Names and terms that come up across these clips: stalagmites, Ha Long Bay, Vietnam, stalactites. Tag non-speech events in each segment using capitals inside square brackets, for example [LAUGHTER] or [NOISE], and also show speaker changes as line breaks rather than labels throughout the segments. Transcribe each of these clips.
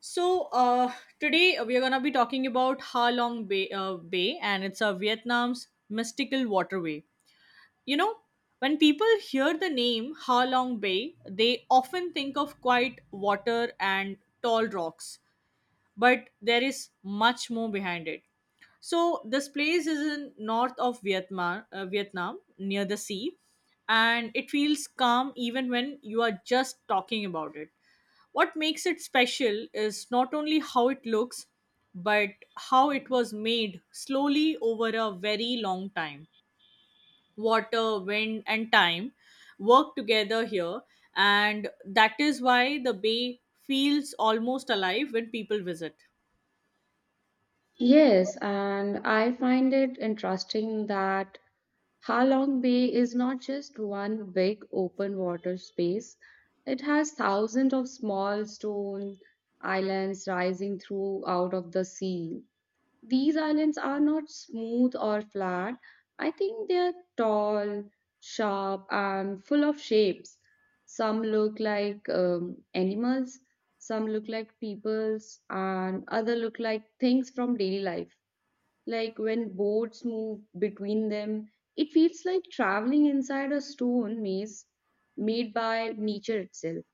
So uh, Today we are gonna be talking about Ha Long Bay, and it's a Vietnam's mystical waterway. You know, when people hear the name Ha Long Bay, they often think of quiet water and tall rocks, but there is much more behind it. So this place is in north of Vietnam, near the sea, and it feels calm even when you are just talking about it. What makes it special is not only how it looks, but how it was made slowly over a very long time. Water, wind, and time work together here, and that is why the bay feels almost alive when people visit.
Yes, and I find it interesting that Halong Bay is not just one big open water space. It has thousands of small stone islands rising through out of the sea. These islands are not smooth or flat. I think they are tall, sharp, and full of shapes. Some look like animals, some look like peoples, and other look like things from daily life like when boats move between them. It feels like traveling inside a stone maze made by nature itself.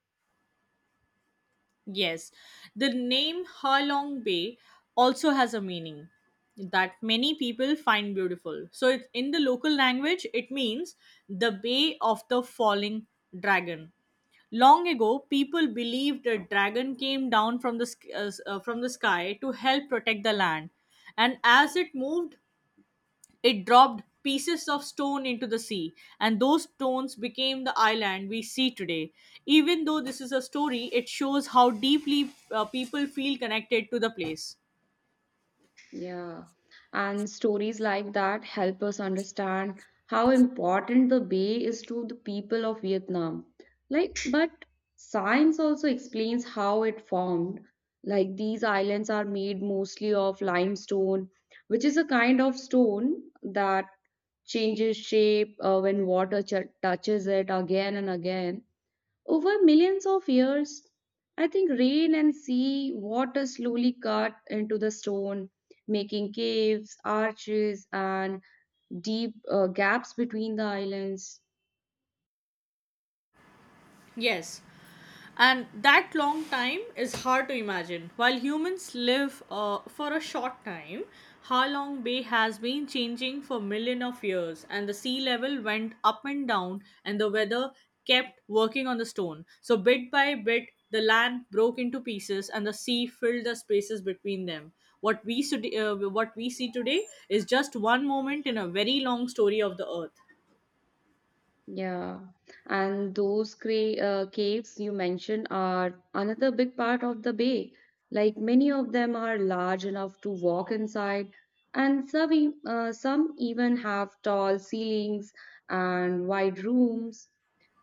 Yes, the name Halong Bay also has a meaning that many people find beautiful. So, in the local language, it means the Bay of the Falling Dragon. Long ago, people believed a dragon came down from the from the sky to help protect the land, and as it moved it dropped pieces of stone into the sea, and those stones became the island we see today. Even though this is a story, it shows how deeply people feel connected to the place.
Yeah. And stories like that help us understand how important the bay is to the people of Vietnam. Like, but science also explains how it formed. Like, these islands are made mostly of limestone, which is a kind of stone that changes shape when water ch touches it again and again. Over millions of years, I think rain and sea water slowly cut into the stone, making caves, arches, and deep gaps between the islands.
Yes, and that long time is hard to imagine. While humans live for a short time, Ha Long Bay has been changing for million of years, and the sea level went up and down, and the weather kept working on the stone. So bit by bit, the land broke into pieces, and the sea filled the spaces between them. What we see today is just one moment in a very long story of the earth.
Yeah, and those caves you mentioned are another big part of the bay. Like many of them are large enough to walk inside, and some, some even have tall ceilings and wide rooms.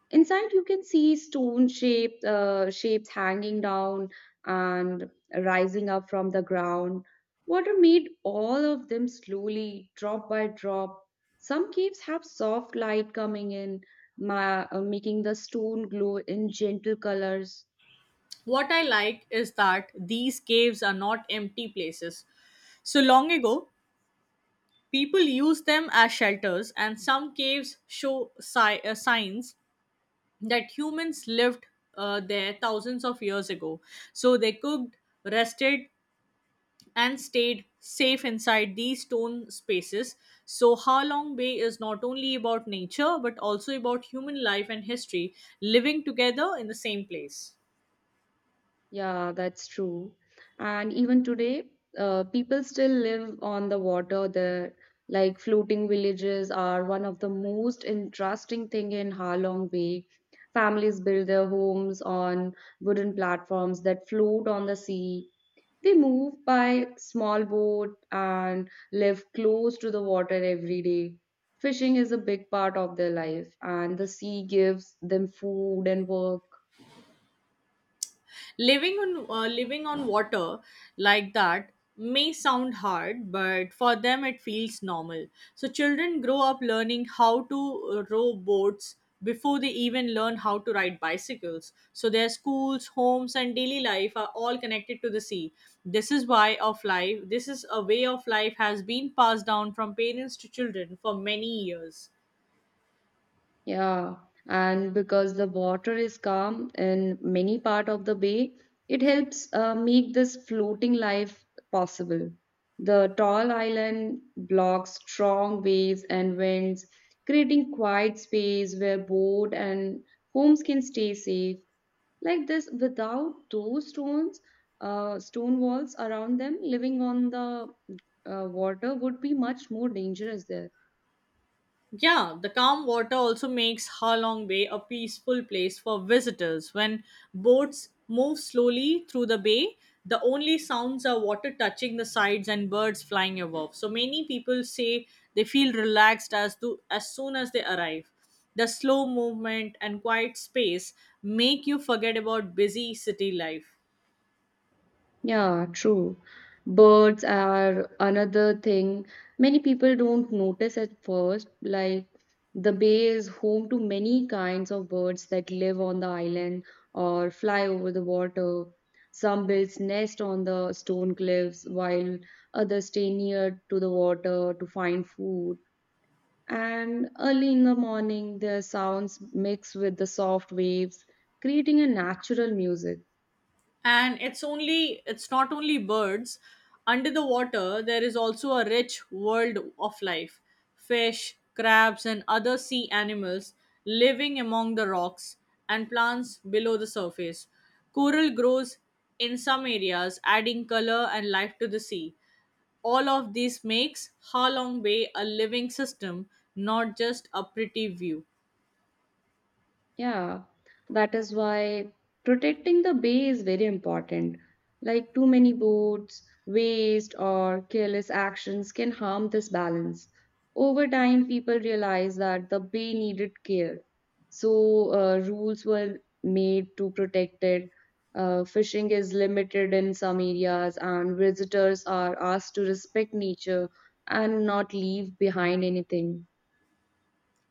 Inside, you can see stone shaped shapes hanging down and rising up from the ground. Water made all of them slowly, drop by drop. Some caves have soft light coming in, making the stone glow in gentle colors.
What I like is that these caves are not empty places. So long ago, people used them as shelters, and some caves show signs that humans lived there thousands of years ago. So they cooked, rested, and stayed safe inside these stone spaces. So, Ha Long Bay is not only about nature but also about human life and history living together in the same place.
Yeah, that's true. And even today, people still live on the water there. Like floating villages are one of the most interesting thing in Ha Long Bay. Families build their homes on wooden platforms that float on the sea. They move by small boat and live close to the water every day. Fishing is a big part of their life, and the sea gives them food and work.
Living on water like that may sound hard, but for them it feels normal. So children grow up learning how to row boats before they even learn how to ride bicycles. So their schools, homes, and daily life are all connected to the sea. This is why of life this is a way of life has been passed down from parents to children for many years.
Yeah, and because the water is calm in many part of the bay, it helps make this floating life possible. The tall island blocks strong waves and winds, creating quiet space where boat and homes can stay safe. Like this, without those stones, stone walls around them, living on the water would be much more dangerous there.
Yeah, the calm water also makes Ha Long Bay a peaceful place for visitors. When boats move slowly through the bay, the only sounds are water touching the sides and birds flying above. So many people say they feel relaxed as soon as they arrive. The slow movement and quiet space make you forget about busy city life.
Yeah, true. Birds are another thing many people don't notice at first. Like, the bay is home to many kinds of birds that live on the island or fly over the water. Some build nest on the stone cliffs, while others stay near to the water to find food. And early in the morning, their sounds mix with the soft waves, creating a natural music.
And it's not only birds. Under the water there is also a rich world of life. Fish, crabs, and other sea animals living among the rocks and plants below the surface. Coral grows in some areas, adding color and life to the sea. All of this makes Ha Long Bay a living system, not just a pretty view.
Yeah, that is why protecting the bay is very important. Like too many boats, waste, or careless actions can harm this balance. Over time, people realized that the bay needed care. So, rules were made to protect it. Fishing is limited in some areas, and visitors are asked to respect nature and not leave behind anything.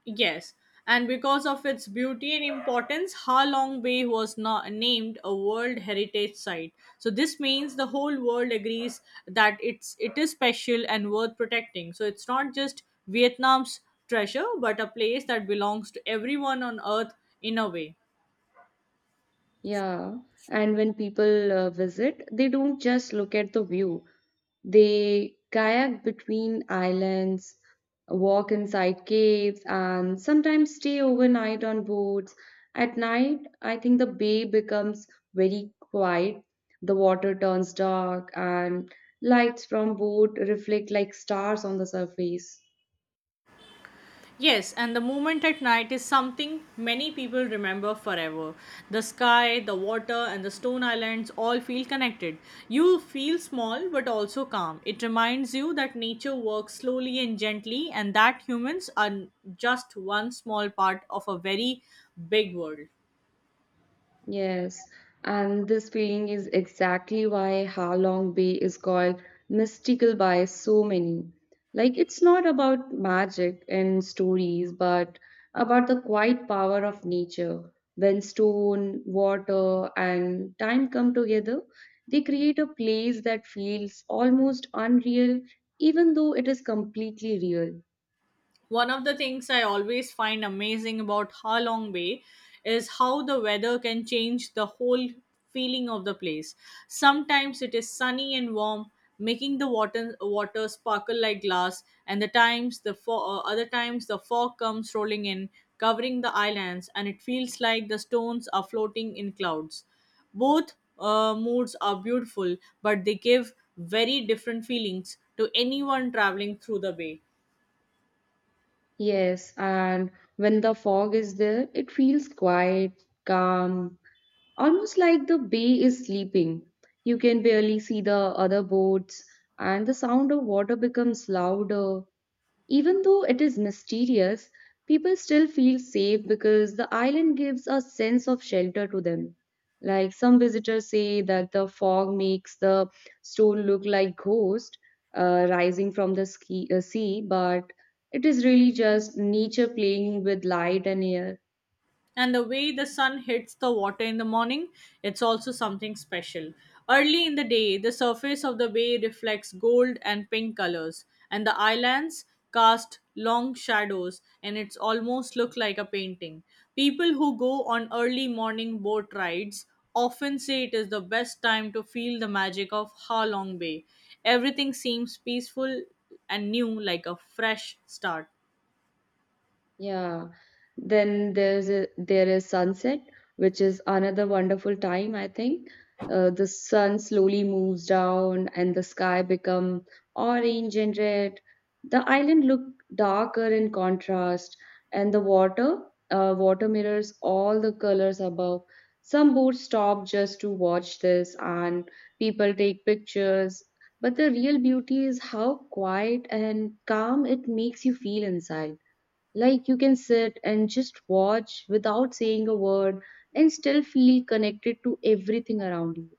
Yes, and because of its beauty and importance, Ha Long Bay was not named a World Heritage Site. So this means the whole world agrees that it is special and worth protecting. So it's not just Vietnam's treasure, but a place that belongs to everyone on Earth in a way.
Yeah, and when people visit, they don't just look at the view. They kayak between islands, walk inside caves, and sometimes stay overnight on boats. At night, I think the bay becomes very quiet. The water turns dark, and lights from boat reflect like stars on the surface.
Yes, and the moment at night is something many people remember forever. The sky, the water, and the stone islands all feel connected. You feel small but also calm. It reminds you that nature works slowly and gently, and that humans are just one small part of a very big world.
Yes, and this feeling is exactly why Ha Long Bay is called mystical by so many. Like, it's not about magic and stories, but about the quiet power of nature. When stone, water, and time come together, they create a place that feels almost unreal, even though it is completely real.
One of the things I always find amazing about Ha Long Bay is how the weather can change the whole feeling of the place. Sometimes it is sunny and warm, making the water sparkle like glass, and the times the fo- other times the fog comes rolling in, covering the islands, and it feels like the stones are floating in clouds. Both moods are beautiful, but they give very different feelings to anyone traveling through the bay.
Yes, and when the fog is there, it feels quiet, calm. Almost like the bay is sleeping. You can barely see the other boats, and the sound of water becomes louder. Even though it is mysterious, people still feel safe because the island gives a sense of shelter to them. Like some visitors say that the fog makes the stone look like ghost rising from the sea, but it is really just nature playing with light and air.
And the way the sun hits the water in the morning, it's also something special. Early in the day, the surface of the bay reflects gold and pink colors, and the islands cast long shadows, and it's almost look like a painting. People who go on early morning boat rides often say it is the best time to feel the magic of Ha Long Bay. Everything seems peaceful and new, like a fresh start.
Yeah. Then there is sunset, which is another wonderful time, I think. The sun slowly moves down and the sky become orange and red. The island look darker in contrast, and the water mirrors all the colors above. Some boats stop just to watch this, and people take pictures. But the real beauty is how quiet and calm it makes you feel inside. Like you can sit and just watch without saying a word and still feel connected to everything around you.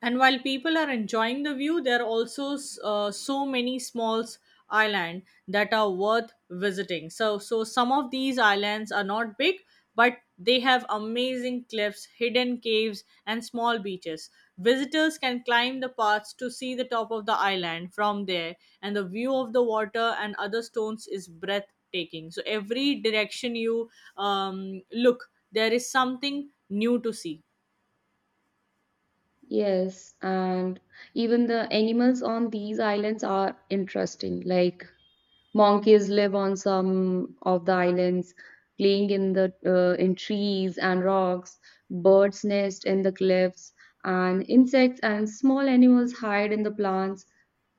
And while people are enjoying the view, there are also so many small island that are worth visiting. So, some of these islands are not big, but they have amazing cliffs, hidden caves, and small beaches. Visitors can climb the paths to see the top of the island from there, and the view of the water and other stones is breathtaking. So, every direction you look, there is something new to see.
Yes, and even the animals on these islands are interesting. Like monkeys live on some of the islands, playing in the in trees and rocks. Birds nest in the cliffs, and insects and small animals hide in the plants.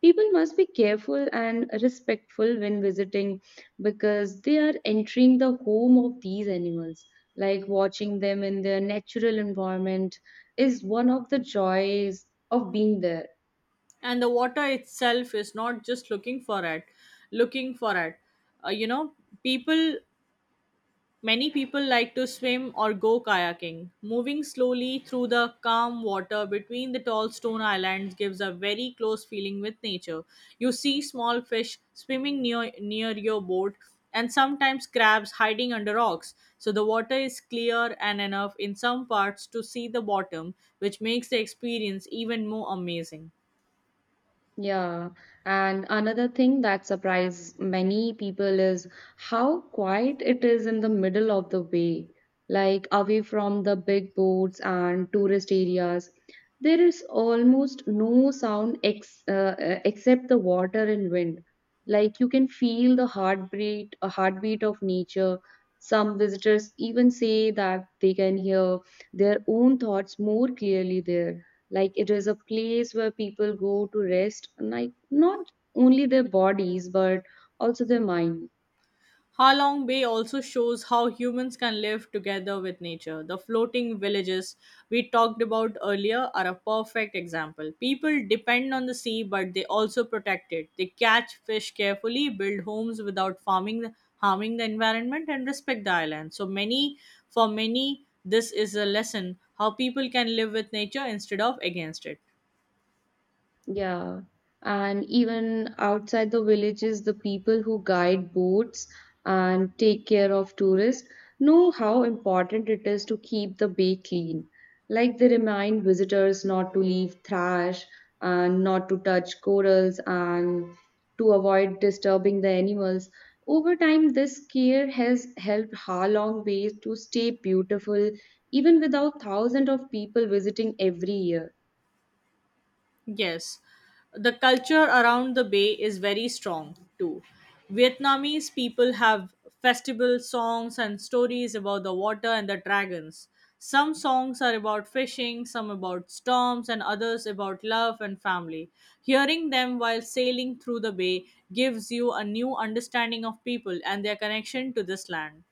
People must be careful and respectful when visiting because they are entering the home of these animals. Like watching them in their natural environment is one of the joys of being there.
And the water itself is not just looking for it. You know, people many people like to swim or go kayaking. Moving slowly through the calm water between the tall stone islands gives a very close feeling with nature. You see small fish swimming near your boat, and sometimes crabs hiding under rocks. So the water is clear and enough in some parts to see the bottom, which makes the experience even more amazing.
Yeah, and another thing that surprised many people is how quiet it is in the middle of the way, like away from the big boats and tourist areas. There is almost no sound ex except the water and wind. Like you can feel the heartbeat, a heartbeat of nature. Some visitors even say that they can hear their own thoughts more clearly there. Like it is a place where people go to rest, like not only their bodies, but also their mind.
Ha Long Bay also shows how humans can live together with nature. The floating villages we talked about earlier are a perfect example. People depend on the sea, but they also protect it. They catch fish carefully, build homes without farming, harming the environment, and respect the island. For many, this is a lesson how people can live with nature instead of against it.
Yeah, and even outside the villages, the people who guide boats and take care of tourists know how important it is to keep the bay clean. Like they remind visitors not to leave trash and not to touch corals and to avoid disturbing the animals. Over time, this care has helped Ha Long Bay to stay beautiful even without thousands of people visiting every year.
Yes, the culture around the bay is very strong too. Vietnamese people have festival songs and stories about the water and the dragons. Some songs are about fishing, some about storms, and others about love and family. Hearing them while sailing through the bay gives you a new understanding of people and their connection to this land.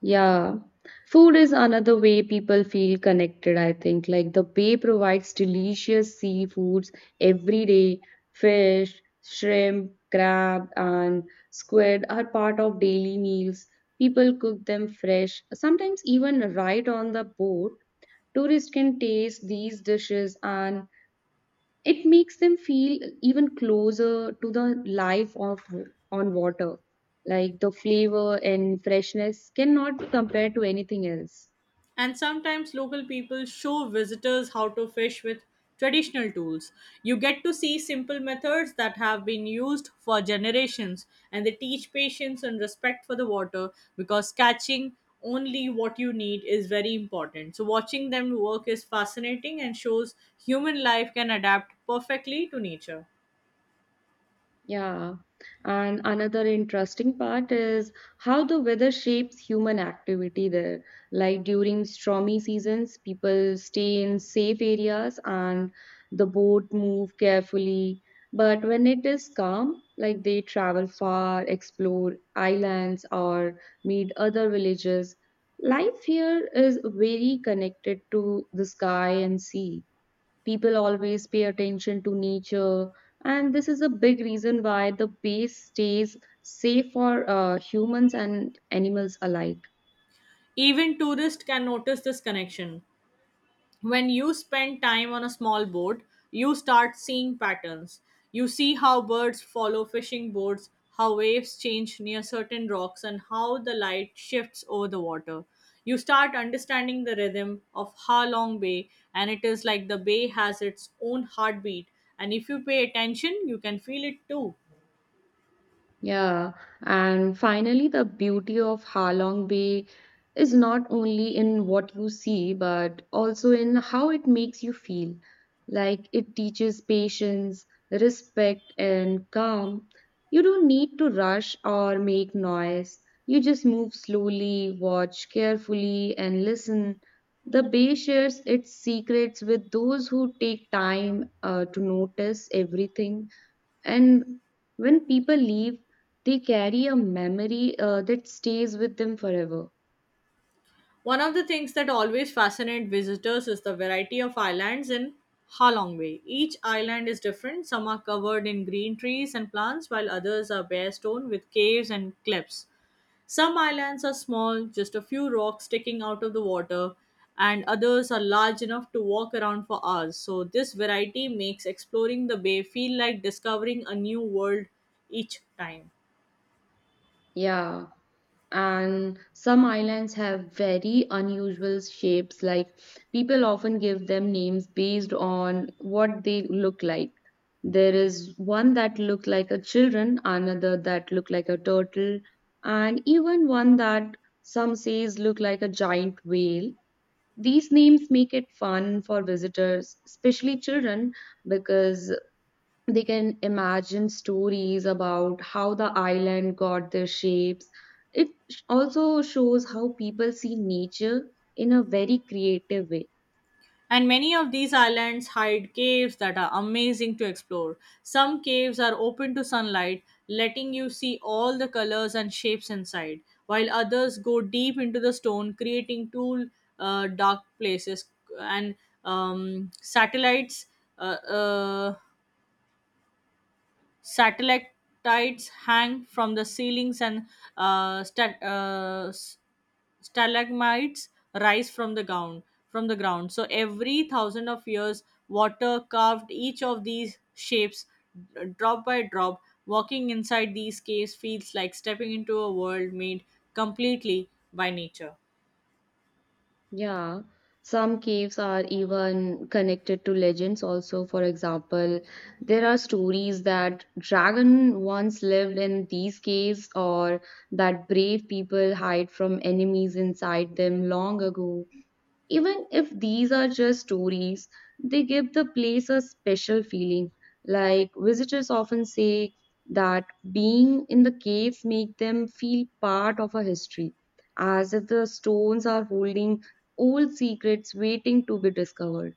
Yeah. Food is another way people feel connected, I think. Like the bay provides delicious seafoods every day. Fish, shrimp, crab, and squid are part of daily meals. People cook them fresh, sometimes even right on the boat. Tourists can taste these dishes and it makes them feel even closer to the life of on water. Like the flavor and freshness cannot be compared to anything else.
And sometimes local people show visitors how to fish with traditional tools. You get to see simple methods that have been used for generations, and they teach patience and respect for the water because catching only what you need is very important. So, watching them work is fascinating and shows human life can adapt perfectly to nature.
Yeah. And another interesting part is how the weather shapes human activity there. Like during stormy seasons, people stay in safe areas and the boat move carefully. But when it is calm, like they travel far, explore islands or meet other villages. Life here is very connected to the sky and sea. People always pay attention to nature, and this is a big reason why the base stays safe for humans and animals alike.
Even tourists can notice this connection. When you spend time on a small boat, you start seeing patterns. You see how birds follow fishing boats, how waves change near certain rocks, and how the light shifts over the water. You start understanding the rhythm of Ha Long Bay, and it is like the bay has its own heartbeat. And if you pay attention, you can feel it too.
Yeah, and finally, the beauty of Halong Bay is not only in what you see, but also in how it makes you feel. Like it teaches patience, respect, and calm. You don't need to rush or make noise. You just move slowly, watch carefully, and listen. The bay shares its secrets with those who take time to notice everything. And when people leave, they carry a memory that stays with them forever.
One of the things that always fascinate visitors is the variety of islands in Halong Bay. Each island is different. Some are covered in green trees and plants, while others are bare stone with caves and cliffs. Some islands are small, just a few rocks sticking out of the water, and others are large enough to walk around for hours. So, this variety makes exploring the bay feel like discovering a new world each time.
Yeah. And some islands have very unusual shapes. Like people often give them names based on what they look like. There is one that looked like a children, another that looked like a turtle, and even one that some says look like a giant whale. These names make it fun for visitors, especially children, because they can imagine stories about how the island got their shapes. It also shows how people see nature in a very creative way.
And many of these islands hide caves that are amazing to explore. Some caves are open to sunlight, letting you see all the colors and shapes inside, while others go deep into the stone, creating two dark places. And um, satellites uh, uh, Satellites hang from the ceilings, and uh, sta- uh, s- stalagmites rise from the ground. So every thousand of years, water carved each of these shapes, drop by drop. Walking inside these caves feels like stepping into a world made completely by nature.
Yeah, some caves are even connected to legends also. For example, there are stories that dragon once lived in these caves or that brave people hide from enemies inside them long ago. Even if these are just stories, they give the place a special feeling. Like visitors often say that being in the caves make them feel part of a history, as if the stones are holding old secrets waiting to be discovered.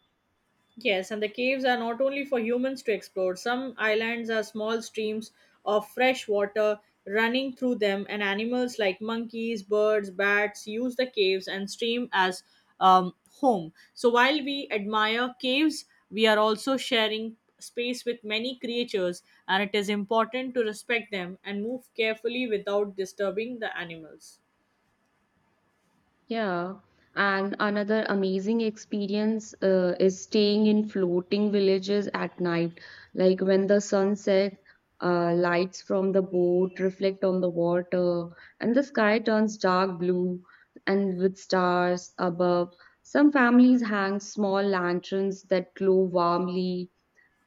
Yes, and the caves are not only for humans to explore. Some islands are small streams of fresh water running through them, and animals like monkeys, birds, bats use the caves and stream as um, home. So while we admire caves, we are also sharing space with many creatures, and it is important to respect them and move carefully without disturbing the animals.
Yeah, and another amazing experience is staying in floating villages at night. Like when the sunset, lights from the boat reflect on the water, and the sky turns dark blue and with stars above. Some families hang small lanterns that glow warmly,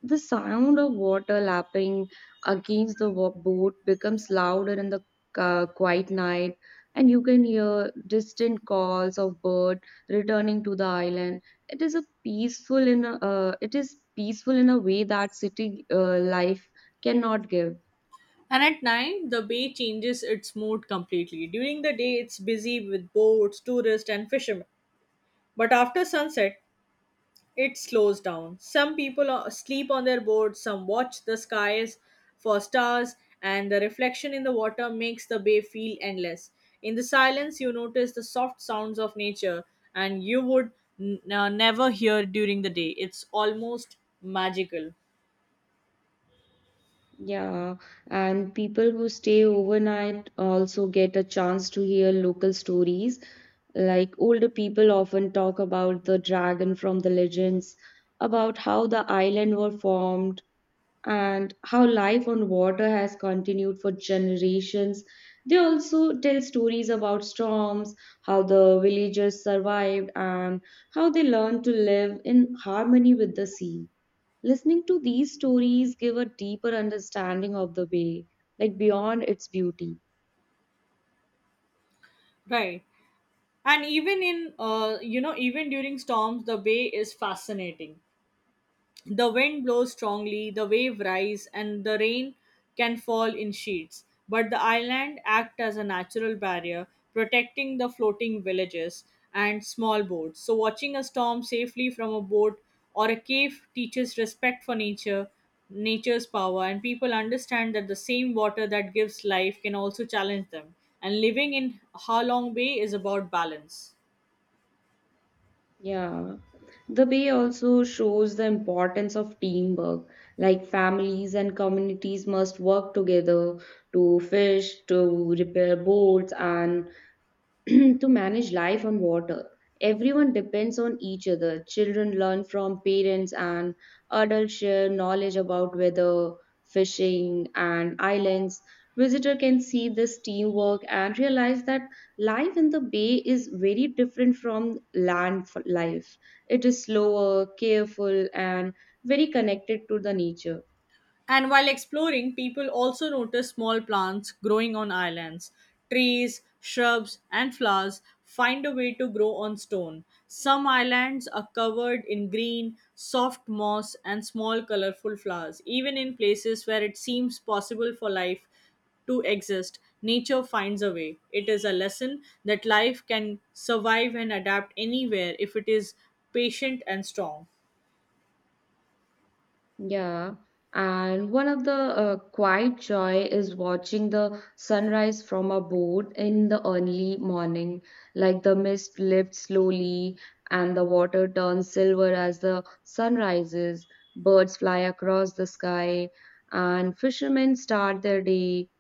the sound of water lapping against the boat becomes louder in the quiet night, and you can hear distant calls of bird returning to the island. It is a it is peaceful in a way that city life cannot give.
And at night, the bay changes its mood completely. During the day, it's busy with boats, tourists, and fishermen. But after sunset, it slows down. Some people sleep on their boats, some watch the skies for stars, and the reflection in the water makes the bay feel endless. In the silence, you notice the soft sounds of nature, and you would never hear during the day. It's almost magical.
Yeah, and people who stay overnight also get a chance to hear local stories. Like older people often talk about the dragon from the legends, about how the island were formed, and how life on water has continued for generations. They also tell stories about storms, how the villagers survived, and how they learned to live in harmony with the sea. Listening to these stories give a deeper understanding of the bay, like beyond its beauty.
Right. And even in, even during storms, the bay is fascinating. The wind blows strongly, the wave rise, and the rain can fall in sheets. But the island act as a natural barrier, protecting the floating villages and small boats. So watching a storm safely from a boat or a cave teaches respect for nature, nature's power, and people understand that the same water that gives life can also challenge them. And living in Ha Long Bay is about balance.
Yeah. The bay also shows the importance of teamwork, like families and communities must work together to fish, to repair boats, and [CLEARS THROAT] to manage life on water. Everyone depends on each other. Children learn from parents, and adults share knowledge about weather, fishing, and islands. Visitor can see this teamwork and realize that life in the bay is very different from life. It is slower, careful, and very connected to the nature.
And while exploring, people also notice small plants growing on islands. Trees, shrubs, and flowers find a way to grow on stone. Some islands are covered in green, soft moss, and small colorful flowers. Even in places where it seems possible for life to exist, nature finds a way. It is a lesson that life can survive and adapt anywhere if it is patient and strong.
Yeah, and one of the quiet joy is watching the sunrise from a boat in the early morning. Like the mist lifts slowly and the water turns silver as the sun rises. Birds fly across the sky and fishermen start their day.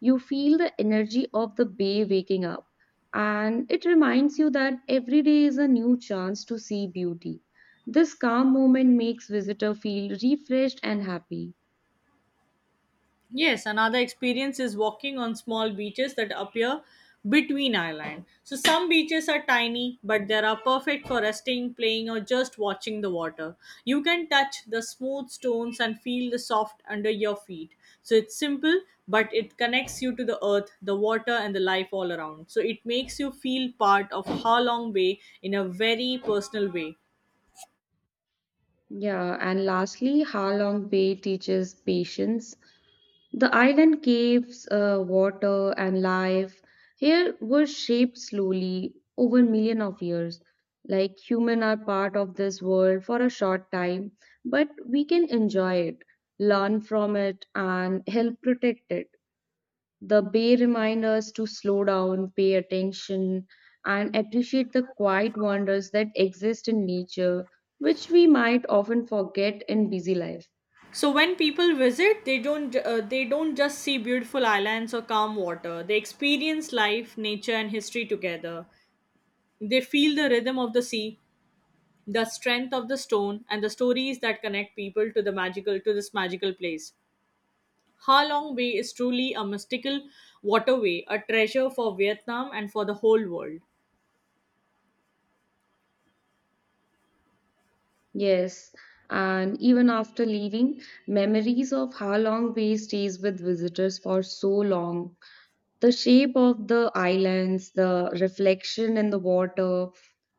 You feel the energy of the bay waking up, and it reminds you that every day is a new chance to see beauty. This calm moment makes visitor feel refreshed and happy.
Yes, another experience is walking on small beaches that appear between island. So some beaches are tiny, but they are perfect for resting, playing, or just watching the water. You can touch the smooth stones and feel the soft under your feet. So it's simple, but it connects you to the earth, the water, and the life all around. So it makes you feel part of Ha Long Bay in a very personal way.
Yeah, and lastly, Ha Long Bay teaches patience. The island caves, water, and life here were shaped slowly over million of years. Like human are part of this world for a short time, but we can enjoy it, learn from it, and help protect it. The bay remind us to slow down, pay attention, and appreciate the quiet wonders that exist in nature, which we might often forget in busy life.
So when people visit, they don't just see beautiful islands or calm water. They experience life, nature and history together. They feel the rhythm of the sea, the strength of the stone and the stories that connect people to this magical place. Ha Long Bay is truly a mystical waterway, a treasure for Vietnam and for the whole world.
Yes, and even after leaving, memories ofHa Long Bay stays with visitors for so long. The shape of the islands, the reflection in the water,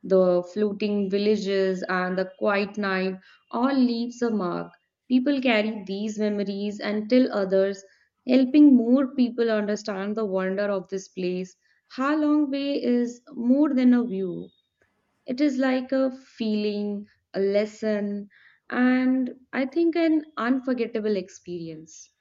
the floating villages, and the quiet night all leaves a mark. People carry these memories and tell others, helping more people understand the wonder of this place. Ha Long Bay is more than a view. It is like a feeling, a lesson, and I think an unforgettable experience.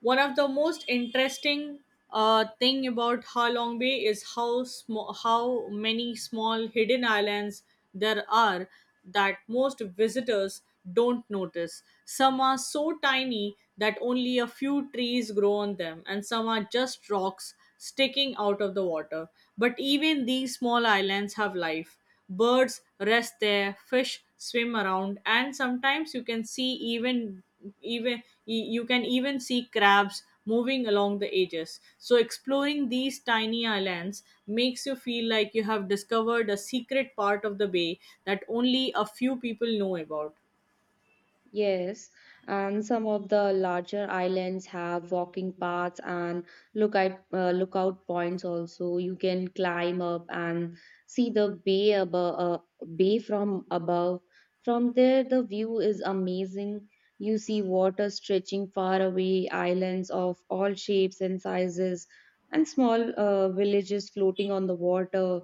One of the most interesting thing about Ha Long Bay is how many small hidden islands there are that most visitors don't notice. Some are so tiny that only a few trees grow on them, and some are just rocks sticking out of the water. But even these small islands have life. Birds rest there, fish swim around, and sometimes you can see even even you can even see crabs moving along the edges. So exploring these tiny islands makes you feel like you have discovered a secret part of the bay that only a few people know about.
Yes, and some of the larger islands have walking paths and lookout points also. You can climb up and see the bay from above. From there, the view is amazing. You see water stretching far away, islands of all shapes and sizes, and small villages floating on the water.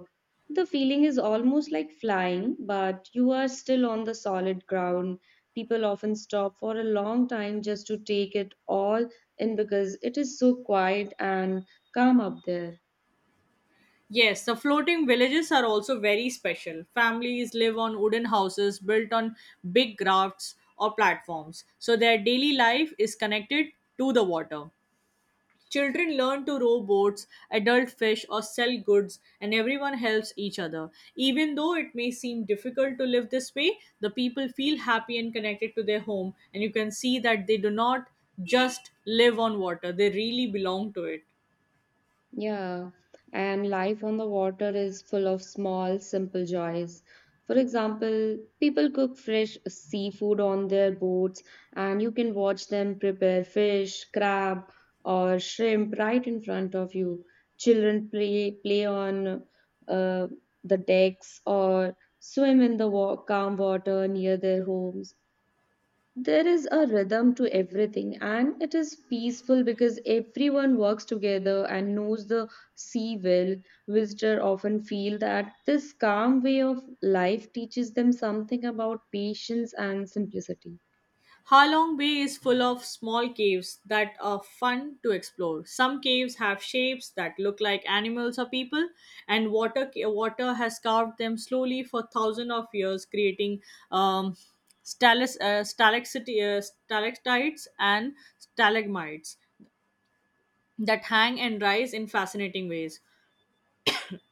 The feeling is almost like flying, but you are still on the solid ground. People often stop for a long time just to take it all in because it is so quiet and calm up there.
Yes, the floating villages are also very special. Families live on wooden houses built on big rafts or platforms, so their daily life is connected to the water. Children learn to row boats, adult fish, or sell goods, and everyone helps each other. Even though it may seem difficult to live this way, the people feel happy and connected to their home, and you can see that they do not just live on water, they really belong to it.
Yeah, and life on the water is full of small, simple joys. For example, people cook fresh seafood on their boats, and you can watch them prepare fish, crab, or shrimp right in front of you. Children play on uh, the decks or swim in the calm water near their homes. There is a rhythm to everything and it is peaceful because everyone works together and knows the sea well. Visitors often feel that this calm way of life teaches them something about patience and simplicity.
Halong Bay is full of small caves that are fun to explore. Some caves have shapes that look like animals or people, and water has carved them slowly for thousands of years, creating um, stalactites and stalagmites that hang and rise in fascinating ways.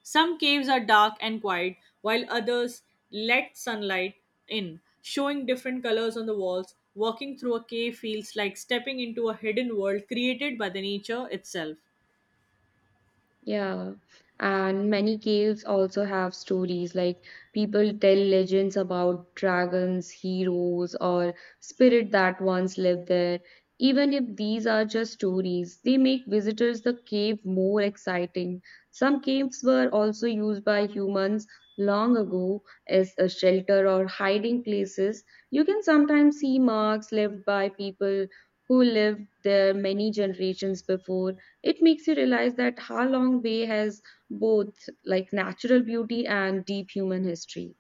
Some caves are dark and quiet, while others let sunlight in, showing different colors on the walls. Walking through a cave feels like stepping into a hidden world created by the nature itself.
Yeah, and many caves also have stories like people tell legends about dragons, heroes, or spirit that once lived there. Even if these are just stories, they make visitors the cave more exciting. Some caves were also used by humans long ago as a shelter or hiding places. You can sometimes see marks left by people who lived there many generations before. It makes you realize that Ha Long Bay has both like natural beauty and deep human history.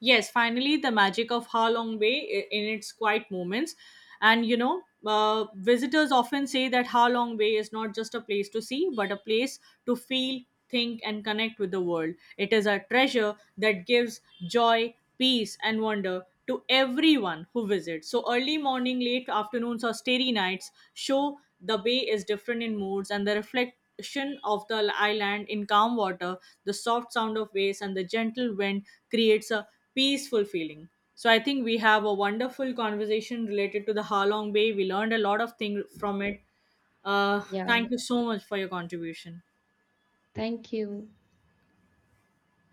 Yes, finally, the magic of Ha Long Bay in its quiet moments. Visitors often say that Ha Long Bay is not just a place to see, but a place to feel, think, and connect with the world. It is a treasure that gives joy peace, and wonder to everyone who visits. So, early morning, late afternoons, or starry nights show the bay is different in moods and the reflection of the island in calm water, the soft sound of waves, and the gentle wind creates a peaceful feeling. So I think we have a wonderful conversation related to the Halong Bay. We learned a lot of things from it.
Yeah,
Thank you so much for your contribution.
thank you.